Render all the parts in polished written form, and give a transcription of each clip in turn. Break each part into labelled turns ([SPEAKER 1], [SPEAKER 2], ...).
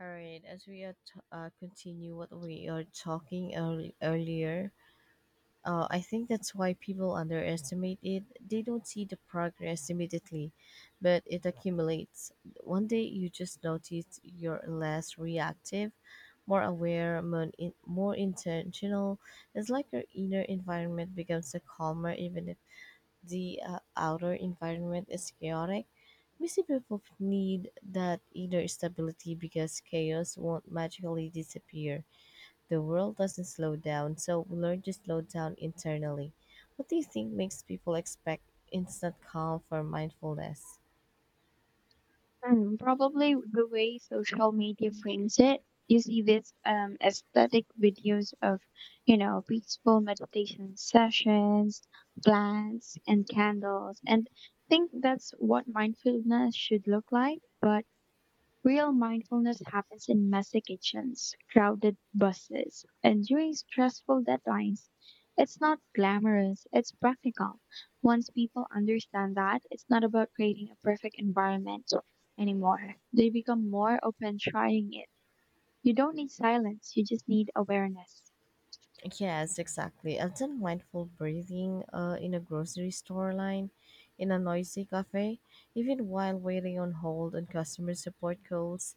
[SPEAKER 1] All right, as we are t- continue what we are talking earlier. I think that's why people underestimate it. They don't see the progress immediately, but it accumulates. One day you just notice you're less reactive, more aware, more intentional. It's like your inner environment becomes a calmer, even if the outer environment is chaotic, busy people need that inner stability because chaos won't magically disappear. The world doesn't slow down, so we learn to slow down internally. What do you think makes people expect instant calm from mindfulness?
[SPEAKER 2] Mm, probably the way social media frames it. You see this aesthetic videos of, you know, peaceful meditation sessions, plants, and candles, and think that's what mindfulness should look like. But Real mindfulness happens in messy kitchens, crowded buses, and during stressful deadlines. It's not glamorous, it's practical. Once people understand that, it's not about creating a perfect environment anymore. They become more open trying it. You don't need silence, you just need awareness.
[SPEAKER 1] Yes, exactly. I've done mindful breathing in a grocery store line, in a noisy cafe, even while waiting on hold on customer support calls.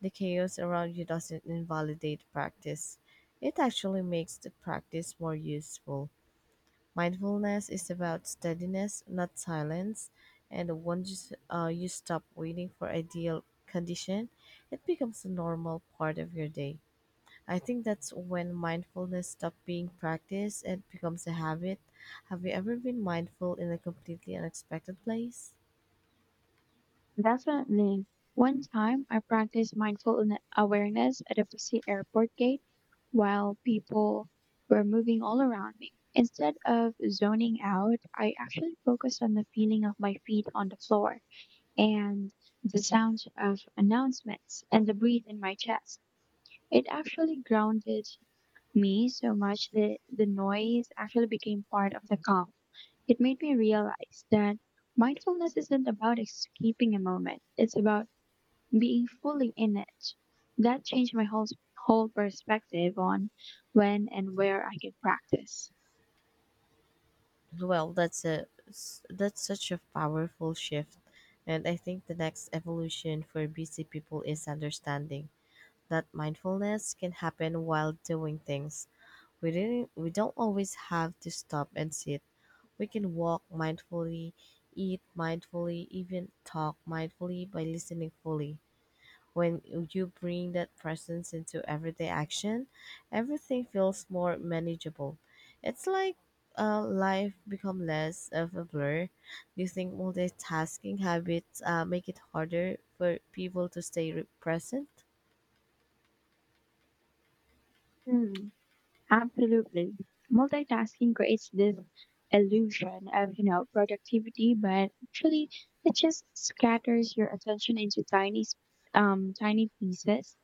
[SPEAKER 1] The chaos around you doesn't invalidate practice. It actually makes the practice more useful. Mindfulness is about steadiness, not silence. And once you stop waiting for ideal condition, it becomes a normal part of your day. I think that's when mindfulness stops being practice and becomes a habit. Have you ever been mindful in a completely unexpected place?
[SPEAKER 2] Definitely. One time I practiced awareness at a busy airport gate while people were moving all around me. Instead of zoning out, I actually focused on the feeling of my feet on the floor and the sounds of announcements and the breath in my chest. It actually grounded me so much that the noise actually became part of the calm. It made me realize that mindfulness isn't about escaping a moment, it's about being fully in it. That changed my whole perspective on when and where I can practice.
[SPEAKER 1] Well, that's such a powerful shift, and I think the next evolution for busy people is understanding that mindfulness can happen while doing things. We don't always have to stop and sit. We can walk mindfully, eat mindfully, even talk mindfully by listening fully. When you bring that presence into everyday action, everything feels more manageable. It's like life become less of a blur. Do you think multitasking habits make it harder for people to stay present?
[SPEAKER 2] Hmm, absolutely. Multitasking creates this illusion of, you know, productivity, but actually it just scatters your attention into tiny pieces,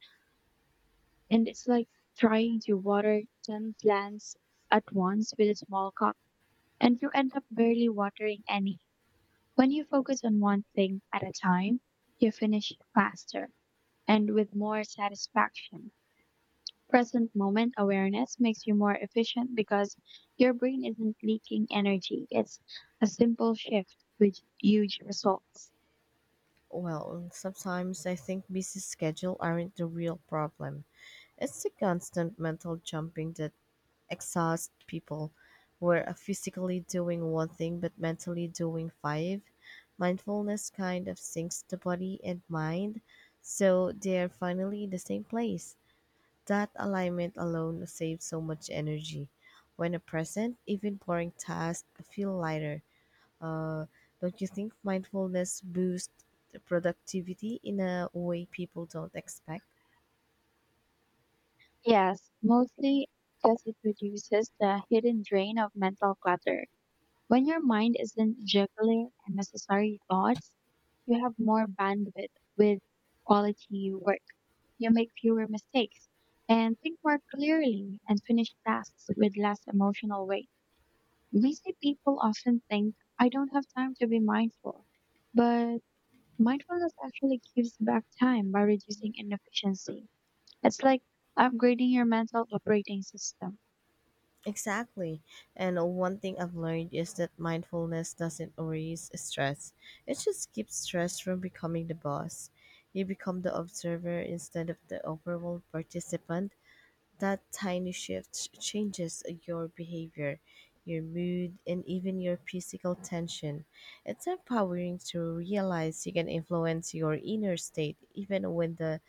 [SPEAKER 2] and it's like trying to water 10 plants at once with a small cup, and you end up barely watering any. When you focus on one thing at a time, you finish faster and with more satisfaction. Present moment awareness makes you more efficient because your brain isn't leaking energy. It's a simple shift with huge results.
[SPEAKER 1] Well, sometimes I think busy schedule aren't the real problem. It's the constant mental jumping that exhaust people were physically doing one thing but mentally doing five. Mindfulness kind of sinks the body and mind, so they're finally in the same place. That alignment alone saves so much energy. When a present, even boring tasks feel lighter. Uh, don't you think mindfulness boosts productivity in a way people don't expect?
[SPEAKER 2] Yes, mostly because it reduces the hidden drain of mental clutter. When your mind isn't juggling unnecessary thoughts, you have more bandwidth with quality work. You make fewer mistakes and think more clearly and finish tasks with less emotional weight. Busy people often think, I don't have time to be mindful. But mindfulness actually gives back time by reducing inefficiency. It's like upgrading your mental operating system.
[SPEAKER 1] Exactly. And one thing I've learned is that mindfulness doesn't erase stress. It just keeps stress from becoming the boss. You become the observer instead of the overwhelmed participant. That tiny shift changes your behavior, your mood, and even your physical tension. It's empowering to realize you can influence your inner state even when the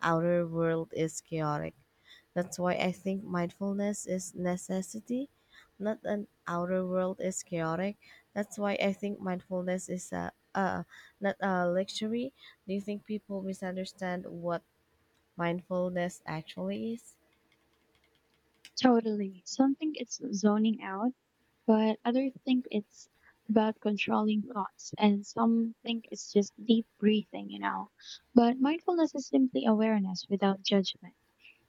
[SPEAKER 1] outer world is chaotic. That's why I think mindfulness is necessity, not an outer world is chaotic. That's why I think mindfulness is a not a luxury. Do you think people misunderstand what mindfulness actually is?
[SPEAKER 2] Totally. Something it's zoning out, but others think it's about controlling thoughts, and some think it's just deep breathing, you know, but mindfulness is simply awareness without judgment.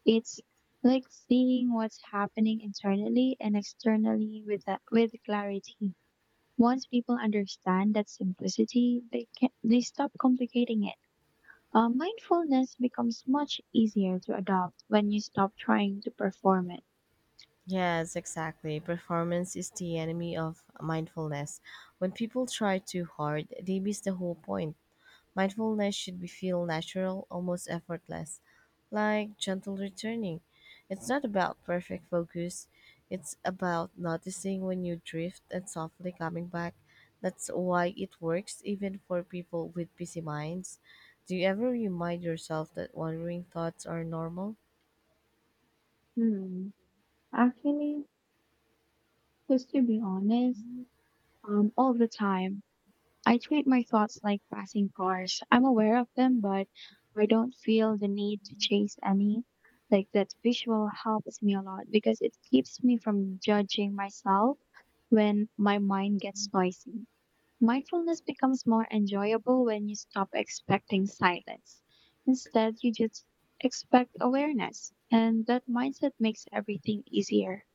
[SPEAKER 2] It's like seeing what's happening internally and externally with that, with clarity. Once people understand that simplicity, they stop complicating it. Mindfulness becomes much easier to adopt when you stop trying to perform it.
[SPEAKER 1] Yes, exactly. Performance is the enemy of mindfulness. When people try too hard, they miss the whole point. Mindfulness should be feel natural, almost effortless, like gentle returning. It's not about perfect focus. It's about noticing when you drift and softly coming back. That's why it works even for people with busy minds. Do you ever remind yourself that wandering thoughts are normal?
[SPEAKER 2] Hmm. Actually, just to be honest, all the time. I treat my thoughts like passing cars. I'm aware of them, but I don't feel the need to chase any. Like, that visual helps me a lot because it keeps me from judging myself when my mind gets noisy. Mindfulness becomes more enjoyable when you stop expecting silence. Instead, you just expect awareness, and that mindset makes everything easier.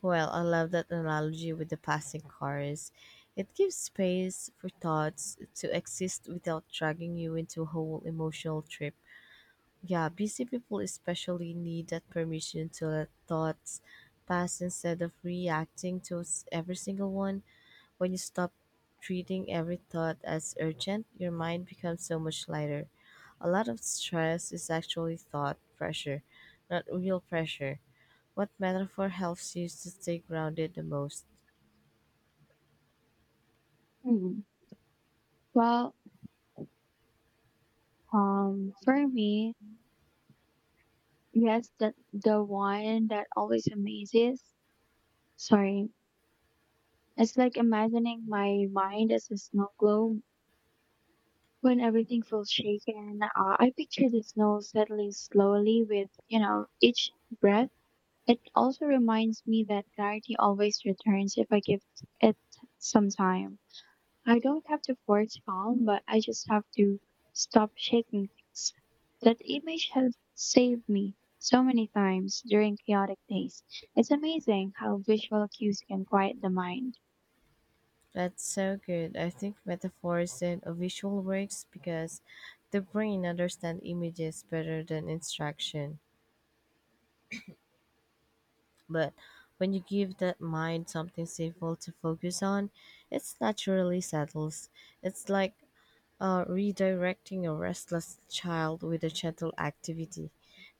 [SPEAKER 1] Well, I love that analogy with the passing cars. It gives space for thoughts to exist without dragging you into a whole emotional trip. Yeah, busy people especially need that permission to let thoughts pass instead of reacting to every single one. When you stop treating every thought as urgent, your mind becomes so much lighter. A lot of stress is actually thought pressure, not real pressure. What metaphor helps you to stay grounded the most?
[SPEAKER 2] Hmm. Well, for me, yes, that the one that always amazes. Sorry. It's like imagining my mind as a snow globe when everything feels shaken. I picture the snow settling slowly with, you know, each breath. It also reminds me that clarity always returns if I give it some time. I don't have to force calm, but I just have to stop shaking things. That image has saved me so many times during chaotic days. It's amazing how visual cues can quiet the mind.
[SPEAKER 1] That's so good. I think metaphors and visual works because the brain understands images better than instruction. But when you give that mind something stable to focus on, it naturally settles. It's like redirecting a restless child with a gentle activity.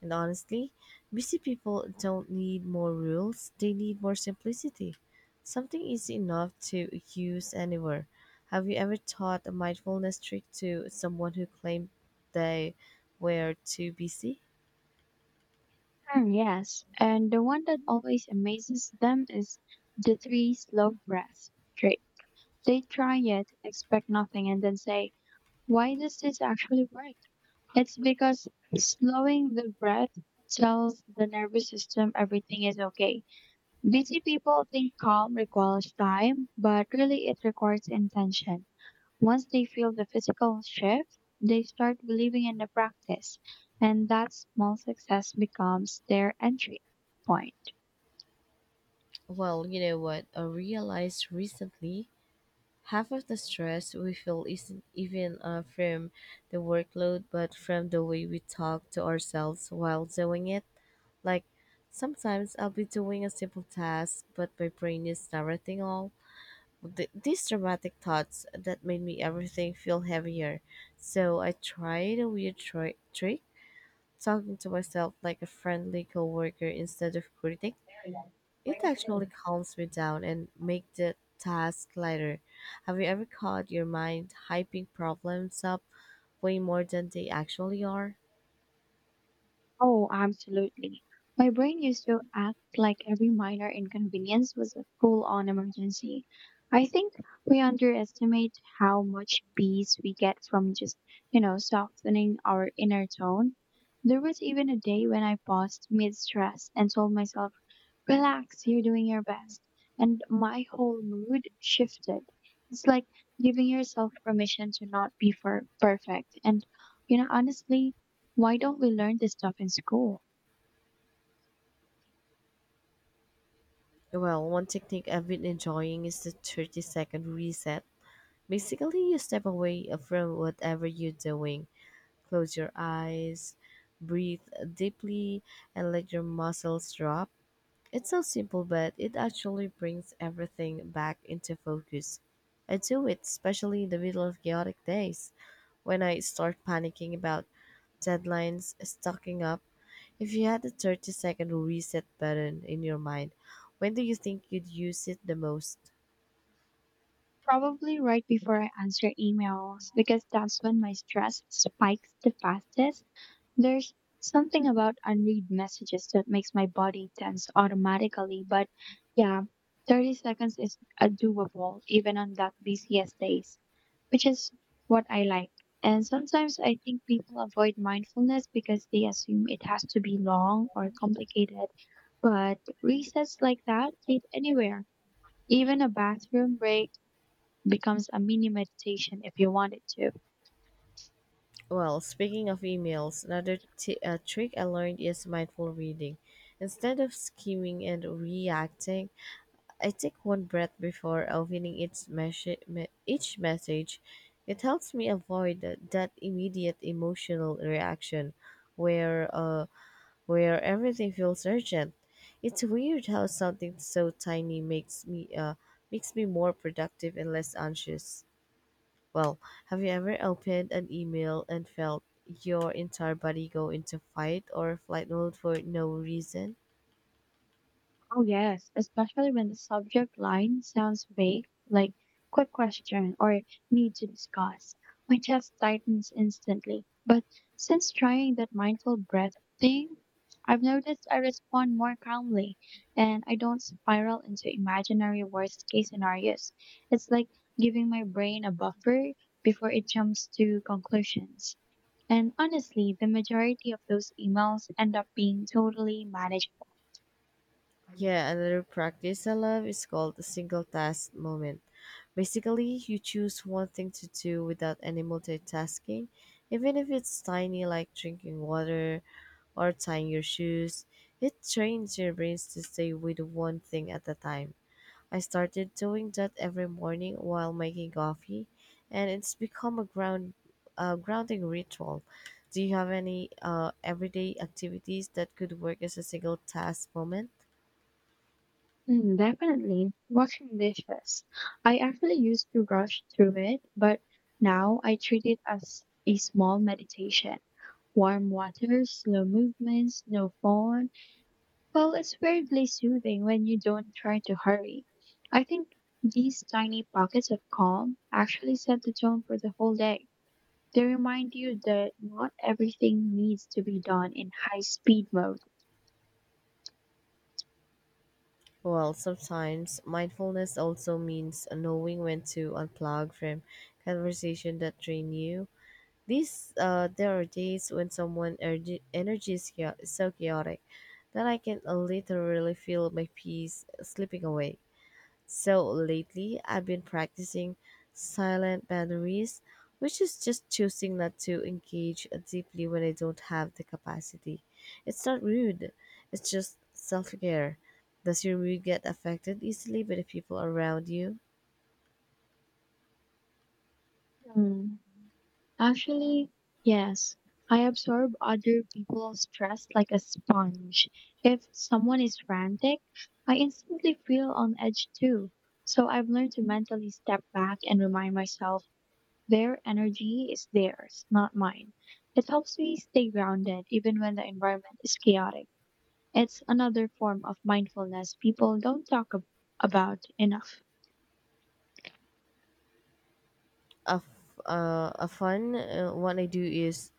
[SPEAKER 1] And honestly, busy people don't need more rules, they need more simplicity. Something easy enough to use anywhere. Have you ever taught a mindfulness trick to someone who claimed they were too busy?
[SPEAKER 2] Hmm, yes, and the one that always amazes them is the three slow breaths trick. They try it, expect nothing, and then say, why does this actually work? It's because slowing the breath tells the nervous system everything is okay. Busy people think calm requires time, but really it requires intention. Once they feel the physical shift, they start believing in the practice, and that small success becomes their entry point.
[SPEAKER 1] Well, you know what? I realized recently half of the stress we feel isn't even from the workload, but from the way we talk to ourselves while doing it. Like, sometimes I'll be doing a simple task, but my brain is narrating all these dramatic thoughts that made me everything feel heavier. So I tried a weird trick, talking to myself like a friendly coworker instead of critic it actually calms me down and make the task lighter. Have you ever caught your mind hyping problems up way more than they actually are?
[SPEAKER 2] Oh, absolutely. My brain used to act like every minor inconvenience was a full on emergency. I think we underestimate how much peace we get from just, you know, softening our inner tone. There was even a day when I paused mid stress and told myself, relax, you're doing your best. And my whole mood shifted. It's like giving yourself permission to not be for perfect. And, you know, honestly, why don't we learn this stuff in school?
[SPEAKER 1] Well, one technique I've been enjoying is the 30-second reset. Basically, you step away from whatever you're doing, close your eyes, breathe deeply, and let your muscles drop. It's so simple, but it actually brings everything back into focus. I do it, especially in the middle of chaotic days, when I start panicking about deadlines, stocking up. If you had a 30-second reset button in your mind, when do you think you'd use it the most?
[SPEAKER 2] Probably right before I answer emails because that's when my stress spikes the fastest. There's something about unread messages that makes my body tense automatically, but yeah, 30 seconds is doable even on that busiest days, which is what I like. And sometimes I think people avoid mindfulness because they assume it has to be long or complicated. But resets like that fit anywhere. Even a bathroom break becomes a mini meditation if you want it to.
[SPEAKER 1] Well, speaking of emails, another trick I learned is mindful reading. Instead of skimming and reacting, I take one breath before opening each message. It helps me avoid that immediate emotional reaction where where everything feels urgent. It's weird how something so tiny makes me more productive and less anxious. Well, have you ever opened an email and felt your entire body go into fight or flight mode for no reason?
[SPEAKER 2] Oh, yes, especially when the subject line sounds vague, like quick question or need to discuss. My chest tightens instantly. But since trying that mindful breath thing, I've noticed I respond more calmly and I don't spiral into imaginary worst case scenarios. It's like giving my brain a buffer before it jumps to conclusions. And honestly, the majority of those emails end up being totally manageable.
[SPEAKER 1] Yeah, another practice I love is called the single task moment. Basically, you choose one thing to do without any multitasking, even if it's tiny, like drinking water or tying your shoes. It trains your brains to stay with one thing at a time. I started doing that every morning while making coffee, and it's become a grounding ritual. Do you have any everyday activities that could work as a single task moment?
[SPEAKER 2] Mm, definitely. Washing dishes. I actually used to rush through it, but now I treat it as a small meditation. Warm water, slow movements, no phone. Well, it's weirdly soothing when you don't try to hurry. I think these tiny pockets of calm actually set the tone for the whole day. They remind you that not everything needs to be done in high speed mode.
[SPEAKER 1] Well, sometimes mindfulness also means knowing when to unplug from conversation that drain you. These there are days when someone energy is so chaotic that I can literally feel my peace slipping away. So lately, I've been practicing silent boundaries, which is just choosing not to engage deeply when I don't have the capacity. It's not rude, it's just self care. Does your mood get affected easily by the people around you?
[SPEAKER 2] Mm. Actually, yes. I absorb other people's stress like a sponge. If someone is frantic, I instantly feel on edge too. So I've learned to mentally step back and remind myself their energy is theirs, not mine. It helps me stay grounded even when the environment is chaotic. It's another form of mindfulness people don't about enough.
[SPEAKER 1] A fun one I do is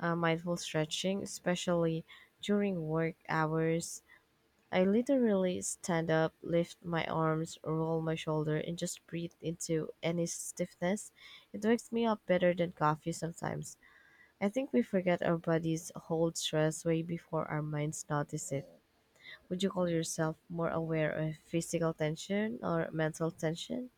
[SPEAKER 1] mindful stretching, especially during work hours. I literally stand up, lift my arms, roll my shoulder, and just breathe into any stiffness. It wakes me up better than coffee sometimes. I think we forget our bodies hold stress way before our minds notice it. Would you call yourself more aware of physical tension or mental tension?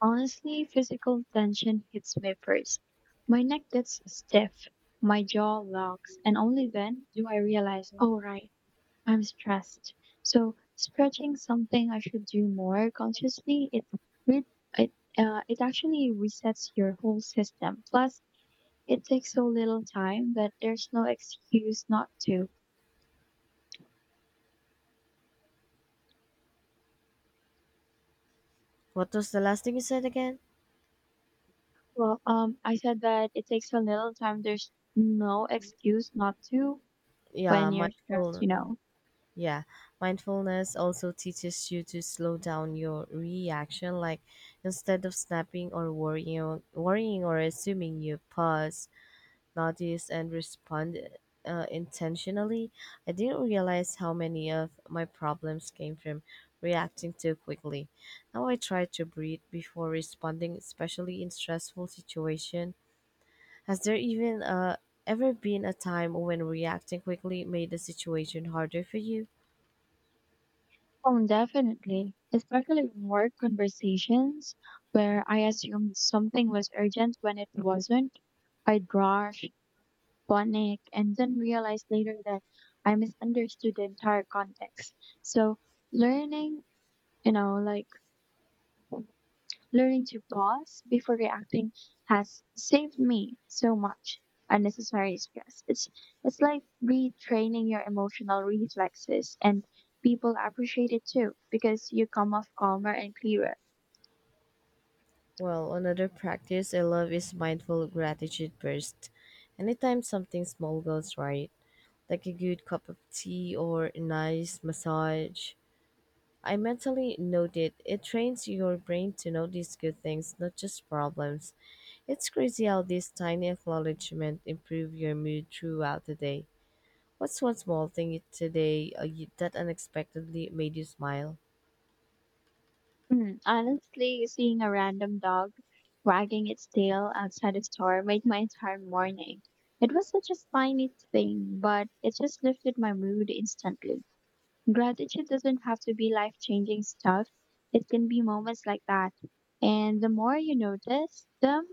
[SPEAKER 2] Honestly, physical tension hits me first. My neck gets stiff, my jaw locks, and only then do I realize, oh, right, I'm stressed. So, stretching something I should do more consciously, re- it, it actually resets your whole system. Plus, it takes so little time that there's no excuse not to.
[SPEAKER 1] What was the last thing you said again?
[SPEAKER 2] Well, I said that it takes a little time, there's no excuse not to
[SPEAKER 1] Yeah,
[SPEAKER 2] when you're stressed,
[SPEAKER 1] mindful
[SPEAKER 2] you know.
[SPEAKER 1] Yeah, mindfulness also teaches you to slow down your reaction. Like instead of snapping worrying or assuming, you pause, notice, and respond intentionally. I didn't realize how many of my problems came from reacting too quickly. Now I try to breathe before responding, especially in stressful situation. Has there even ever been a time when reacting quickly made the situation harder for you?
[SPEAKER 2] Oh, definitely, especially in work conversations where I assumed something was urgent when it wasn't. I'd rush, panic, and then realize later that I misunderstood the entire context. So, learning, you know, like learning to pause before reacting has saved me so much unnecessary stress. It's like retraining your emotional reflexes, and people appreciate it too because you come off calmer and clearer.
[SPEAKER 1] Well, another practice I love is mindful gratitude burst. Anytime something small goes right, like a good cup of tea or a nice massage, I mentally note it. It trains your brain to notice good things, not just problems. It's crazy how these tiny acknowledgement improve your mood throughout the day. What's one small today that unexpectedly made you smile?
[SPEAKER 2] Hmm, honestly, seeing a random dog wagging its tail outside the store made my entire morning. It was such a tiny thing, but it just lifted my mood instantly. Gratitude doesn't have to be life changing stuff, it can be moments like that. And the more you notice them,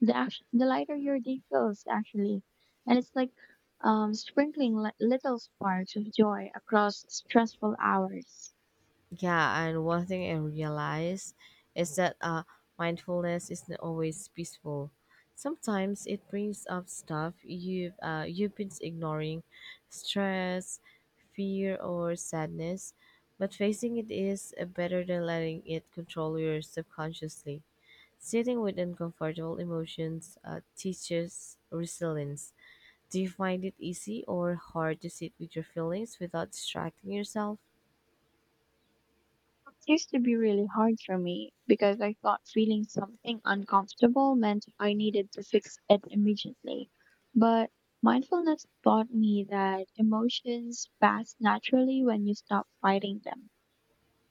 [SPEAKER 2] the lighter your day feels, actually. And it's like sprinkling little sparks of joy across stressful hours.
[SPEAKER 1] Yeah, and one thing I realize is that mindfulness isn't always peaceful. Sometimes it brings up stuff you've been ignoring, stress, fear, or sadness. But facing it is better than letting it control you subconsciously. Sitting with uncomfortable emotions teaches resilience. Do you find it easy or hard to sit with your feelings without distracting yourself?
[SPEAKER 2] It used to be really hard for me because I thought feeling something uncomfortable meant I needed to fix it immediately. But mindfulness taught me that emotions pass naturally when you stop fighting them.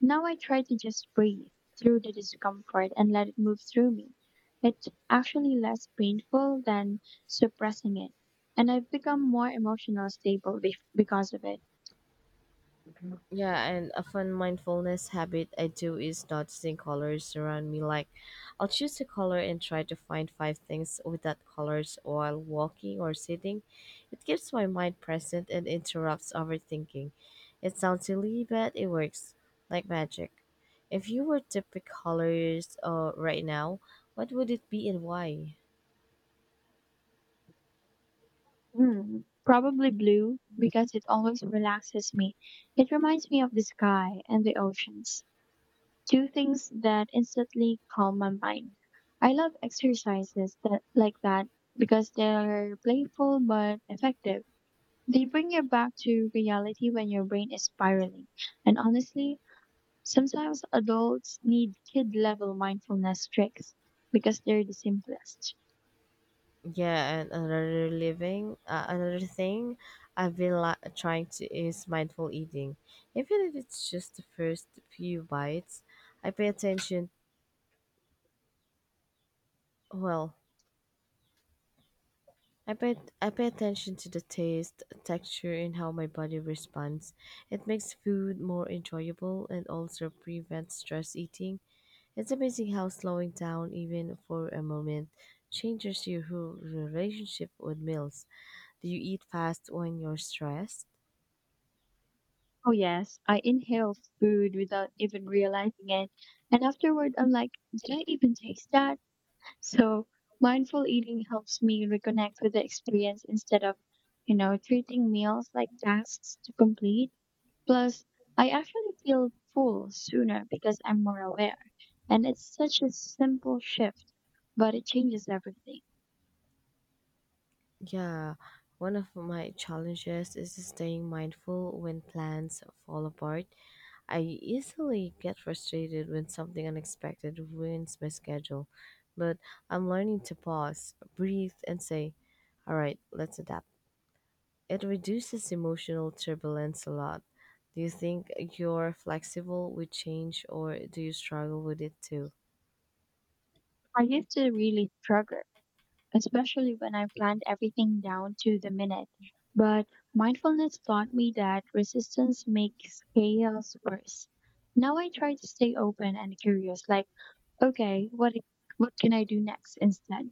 [SPEAKER 2] Now I try to just breathe through the discomfort and let it move through me. It's actually less painful than suppressing it. And I've become more emotional stable because of it.
[SPEAKER 1] Yeah, and a fun mindfulness habit I do is noticing colors around me. Like, I'll choose a color and try to find 5 things with that colors while walking or sitting. It keeps my mind present and interrupts overthinking. It sounds silly, but it works like magic. If you were to pick colors right now, what would it be and why?
[SPEAKER 2] Hmm, probably blue because it always relaxes me. It reminds me of the sky and the oceans, two things that instantly calm my mind. I love exercises that like that because they're playful but effective. They bring you back to reality when your brain is spiraling. And honestly, sometimes adults need kid level mindfulness tricks because they're the simplest.
[SPEAKER 1] Yeah, and another thing I've been trying to is mindful eating. Even if it's just the first few bites, I pay attention. Well, I pay attention to the taste, texture, and how my body responds. It makes food more enjoyable and also prevents stress eating. It's amazing how slowing down, even for a moment, changes your whole relationship with meals. Do you eat fast when you're stressed?
[SPEAKER 2] Oh yes, I inhale food without even realizing it. And afterward, I'm like, did I even taste that? So mindful eating helps me reconnect with the experience instead of, you know, treating meals like tasks to complete. Plus, I actually feel full sooner because I'm more aware. And it's such a simple shift, but it changes everything.
[SPEAKER 1] Yeah, one of my challenges is staying mindful when plans fall apart. I easily get frustrated when something unexpected ruins my schedule, but I'm learning to pause, breathe, and say, all right, let's adapt. It reduces emotional turbulence a lot. Do you think you're flexible with change, or do you struggle with it too?
[SPEAKER 2] I used to really struggle, especially when I planned everything down to the minute. But mindfulness taught me that resistance makes chaos worse. Now I try to stay open and curious, like, okay, what can I do next instead?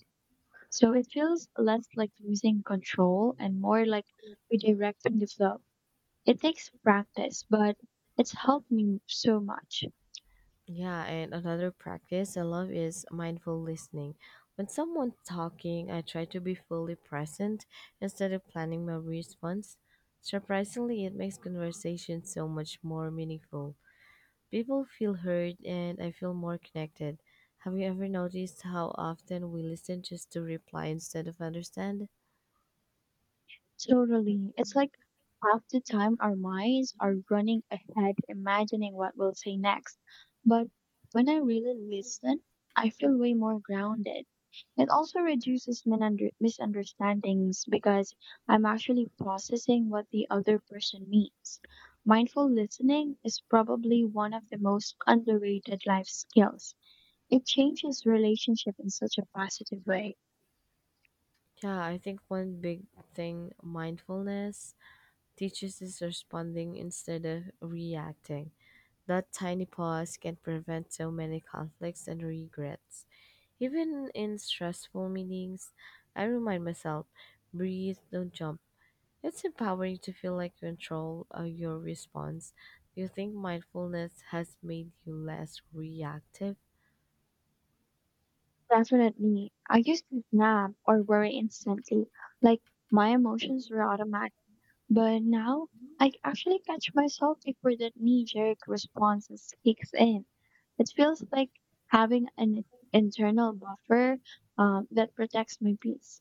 [SPEAKER 2] So it feels less like losing control and more like redirecting the flow. It takes practice, but it's helped me so much.
[SPEAKER 1] Yeah, and another practice I love is mindful listening. When someone's talking, I try to be fully present instead of planning my response. Surprisingly, it makes conversation so much more meaningful. People feel heard and I feel more connected. Have you ever noticed how often we listen just to reply instead of understand?
[SPEAKER 2] Totally. It's like half the time our minds are running ahead, imagining what we'll say next. But when I really listen, I feel way more grounded. It also reduces misunderstandings because I'm actually processing what the other person means. Mindful listening is probably one of the most underrated life skills. It changes relationship in such a positive way.
[SPEAKER 1] Yeah, I think one big thing mindfulness teaches is responding instead of reacting. That tiny pause can prevent so many conflicts and regrets. Even in stressful meetings, I remind myself breathe, don't jump. It's empowering to feel like you control of your response. Do you think mindfulness has made you less reactive?
[SPEAKER 2] Definitely. I used to snap or worry instantly, like my emotions were automatic. But now I actually catch myself before that knee-jerk response kicks in. It feels like having an internal buffer that protects my peace.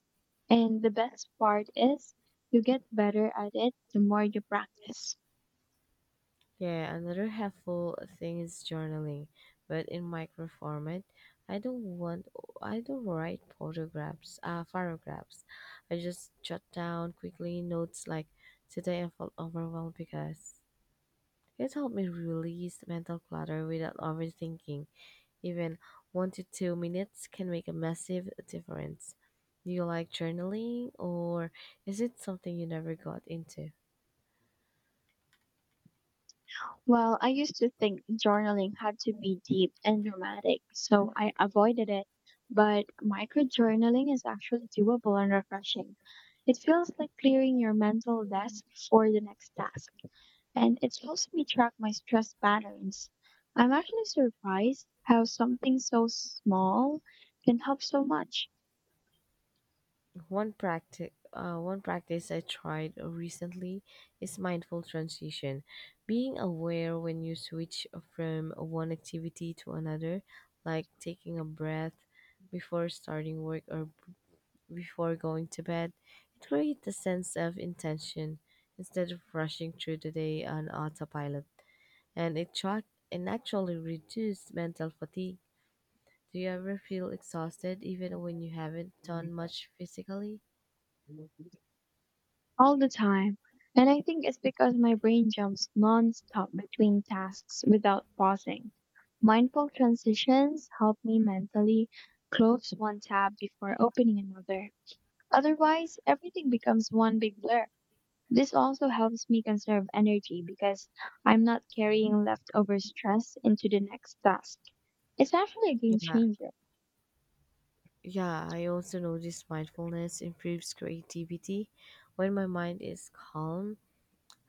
[SPEAKER 2] And the best part is you get better at it the more you practice.
[SPEAKER 1] Yeah, another helpful thing is journaling, but in micro format. I don't want I don't write photographs, paragraphs. I just jot down quickly notes like today I felt overwhelmed because it helped me release mental clutter without overthinking. Even 1 to 2 minutes can make a massive difference. Do you like journaling or is it something you never got into?
[SPEAKER 2] Well, I used to think journaling had to be deep and dramatic, so I avoided it. But micro journaling is actually doable and refreshing. It feels like clearing your mental desk for the next task, and it helps me track my stress patterns. I'm actually surprised how something so small can help so much.
[SPEAKER 1] One practice I tried recently is mindful transition, being aware when you switch from one activity to another, like taking a breath before starting work or before going to bed. It creates a sense of intention instead of rushing through the day on autopilot, and it track and actually reduced mental fatigue. Do you ever feel exhausted even when you haven't done much physically?
[SPEAKER 2] All the time. And I think it's because my brain jumps nonstop between tasks without pausing. Mindful transitions help me mentally close one tab before opening another. Otherwise, everything becomes one big blur. This also helps me conserve energy because I'm not carrying leftover stress into the next task. It's actually a game
[SPEAKER 1] Yeah.
[SPEAKER 2] changer.
[SPEAKER 1] Yeah, I also noticed mindfulness improves creativity. When my mind is calm,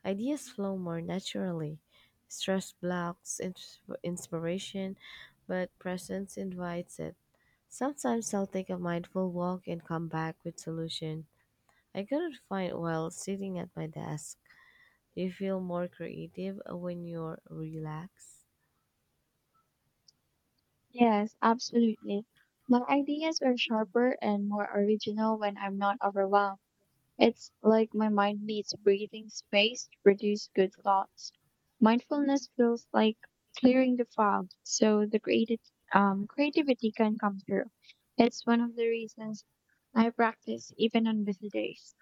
[SPEAKER 1] ideas flow more naturally. Stress blocks inspiration, but presence invites it. Sometimes I'll take a mindful walk and come back with solution I couldn't find while sitting at my desk. Do you feel more creative when you're relaxed?
[SPEAKER 2] Yes, absolutely. My ideas are sharper and more original when I'm not overwhelmed. It's like my mind needs breathing space to produce good thoughts. Mindfulness feels like clearing the fog so the creativity can come through. It's one of the reasons I practice even on busy days.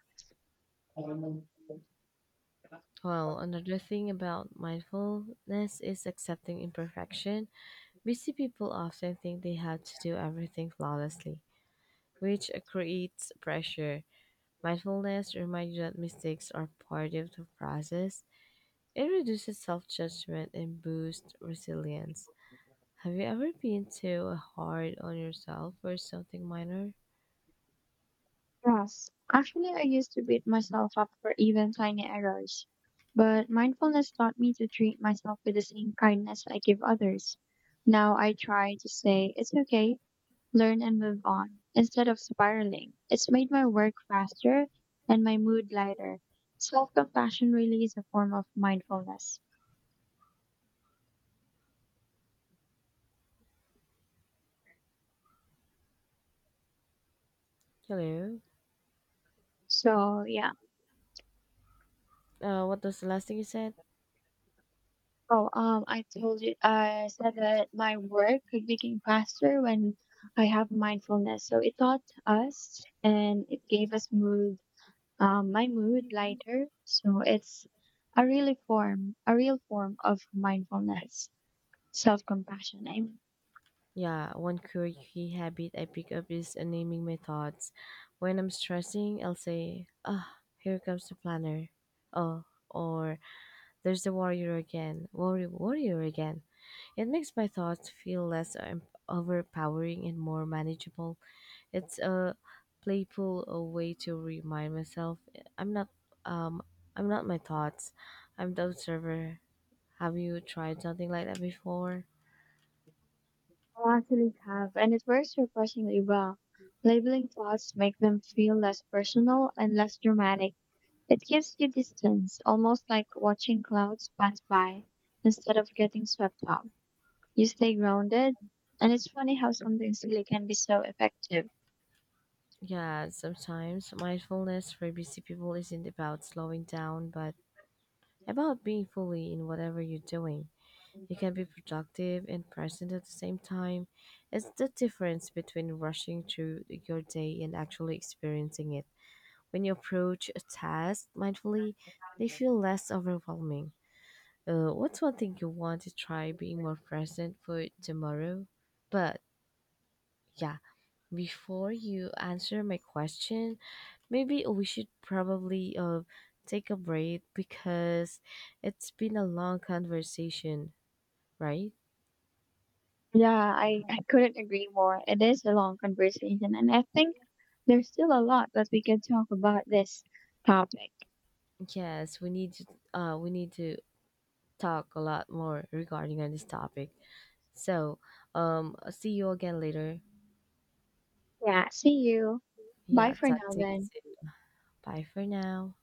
[SPEAKER 1] Well, another thing about mindfulness is accepting imperfection. Busy people often think they have to do everything flawlessly, which creates pressure. Mindfulness reminds you that mistakes are part of the process. It reduces self judgment and boosts resilience. Have you ever been too hard on yourself for something minor?
[SPEAKER 2] Yes, actually, I used to beat myself up for even tiny errors, but mindfulness taught me to treat myself with the same kindness I give others. Now I try to say, it's okay, learn and move on instead of spiraling. It's made my work faster and my mood lighter. Self compassion really is a form of mindfulness.
[SPEAKER 1] Hello?
[SPEAKER 2] So yeah.
[SPEAKER 1] What was the last thing you said?
[SPEAKER 2] Oh, I told you, I said that my work could become faster when I have mindfulness. So it taught us and it gave us mood, my mood lighter. So it's a real form of mindfulness, self compassion, I mean.
[SPEAKER 1] Yeah, one quirky habit I pick up is naming my thoughts. When I'm stressing, I'll say, ah, here comes the planner. Oh, or there's the warrior again, warrior again. It makes my thoughts feel less overpowering and more manageable. It's a playful way to remind myself I'm not, um, I'm not my thoughts. I'm the observer. Have you tried something like that before?
[SPEAKER 2] I actually have, and it works refreshingly well. Labeling thoughts make them feel less personal and less dramatic. It gives you distance, almost like watching clouds pass by instead of getting swept up. You stay grounded, and it's funny how something silly can be so effective.
[SPEAKER 1] Yeah, sometimes mindfulness for busy people isn't about slowing down, but about being fully in whatever you're doing. You can be productive and present at the same time. It's the difference between rushing through your day and actually experiencing it. When you approach a task mindfully, they feel less overwhelming. What's one thing you want to try being more present for tomorrow? But yeah, before you answer my question, maybe we should probably take a break because it's been a long conversation, right?
[SPEAKER 2] Yeah, I couldn't agree more. It is a long conversation, and I think there's still a lot that we can talk about this topic.
[SPEAKER 1] Yes, we need to talk a lot more regarding on this topic. So, see you again later.
[SPEAKER 2] Yeah, see you. Bye
[SPEAKER 1] Yeah,
[SPEAKER 2] for
[SPEAKER 1] talk
[SPEAKER 2] now
[SPEAKER 1] to you
[SPEAKER 2] then.
[SPEAKER 1] soon. Bye for now.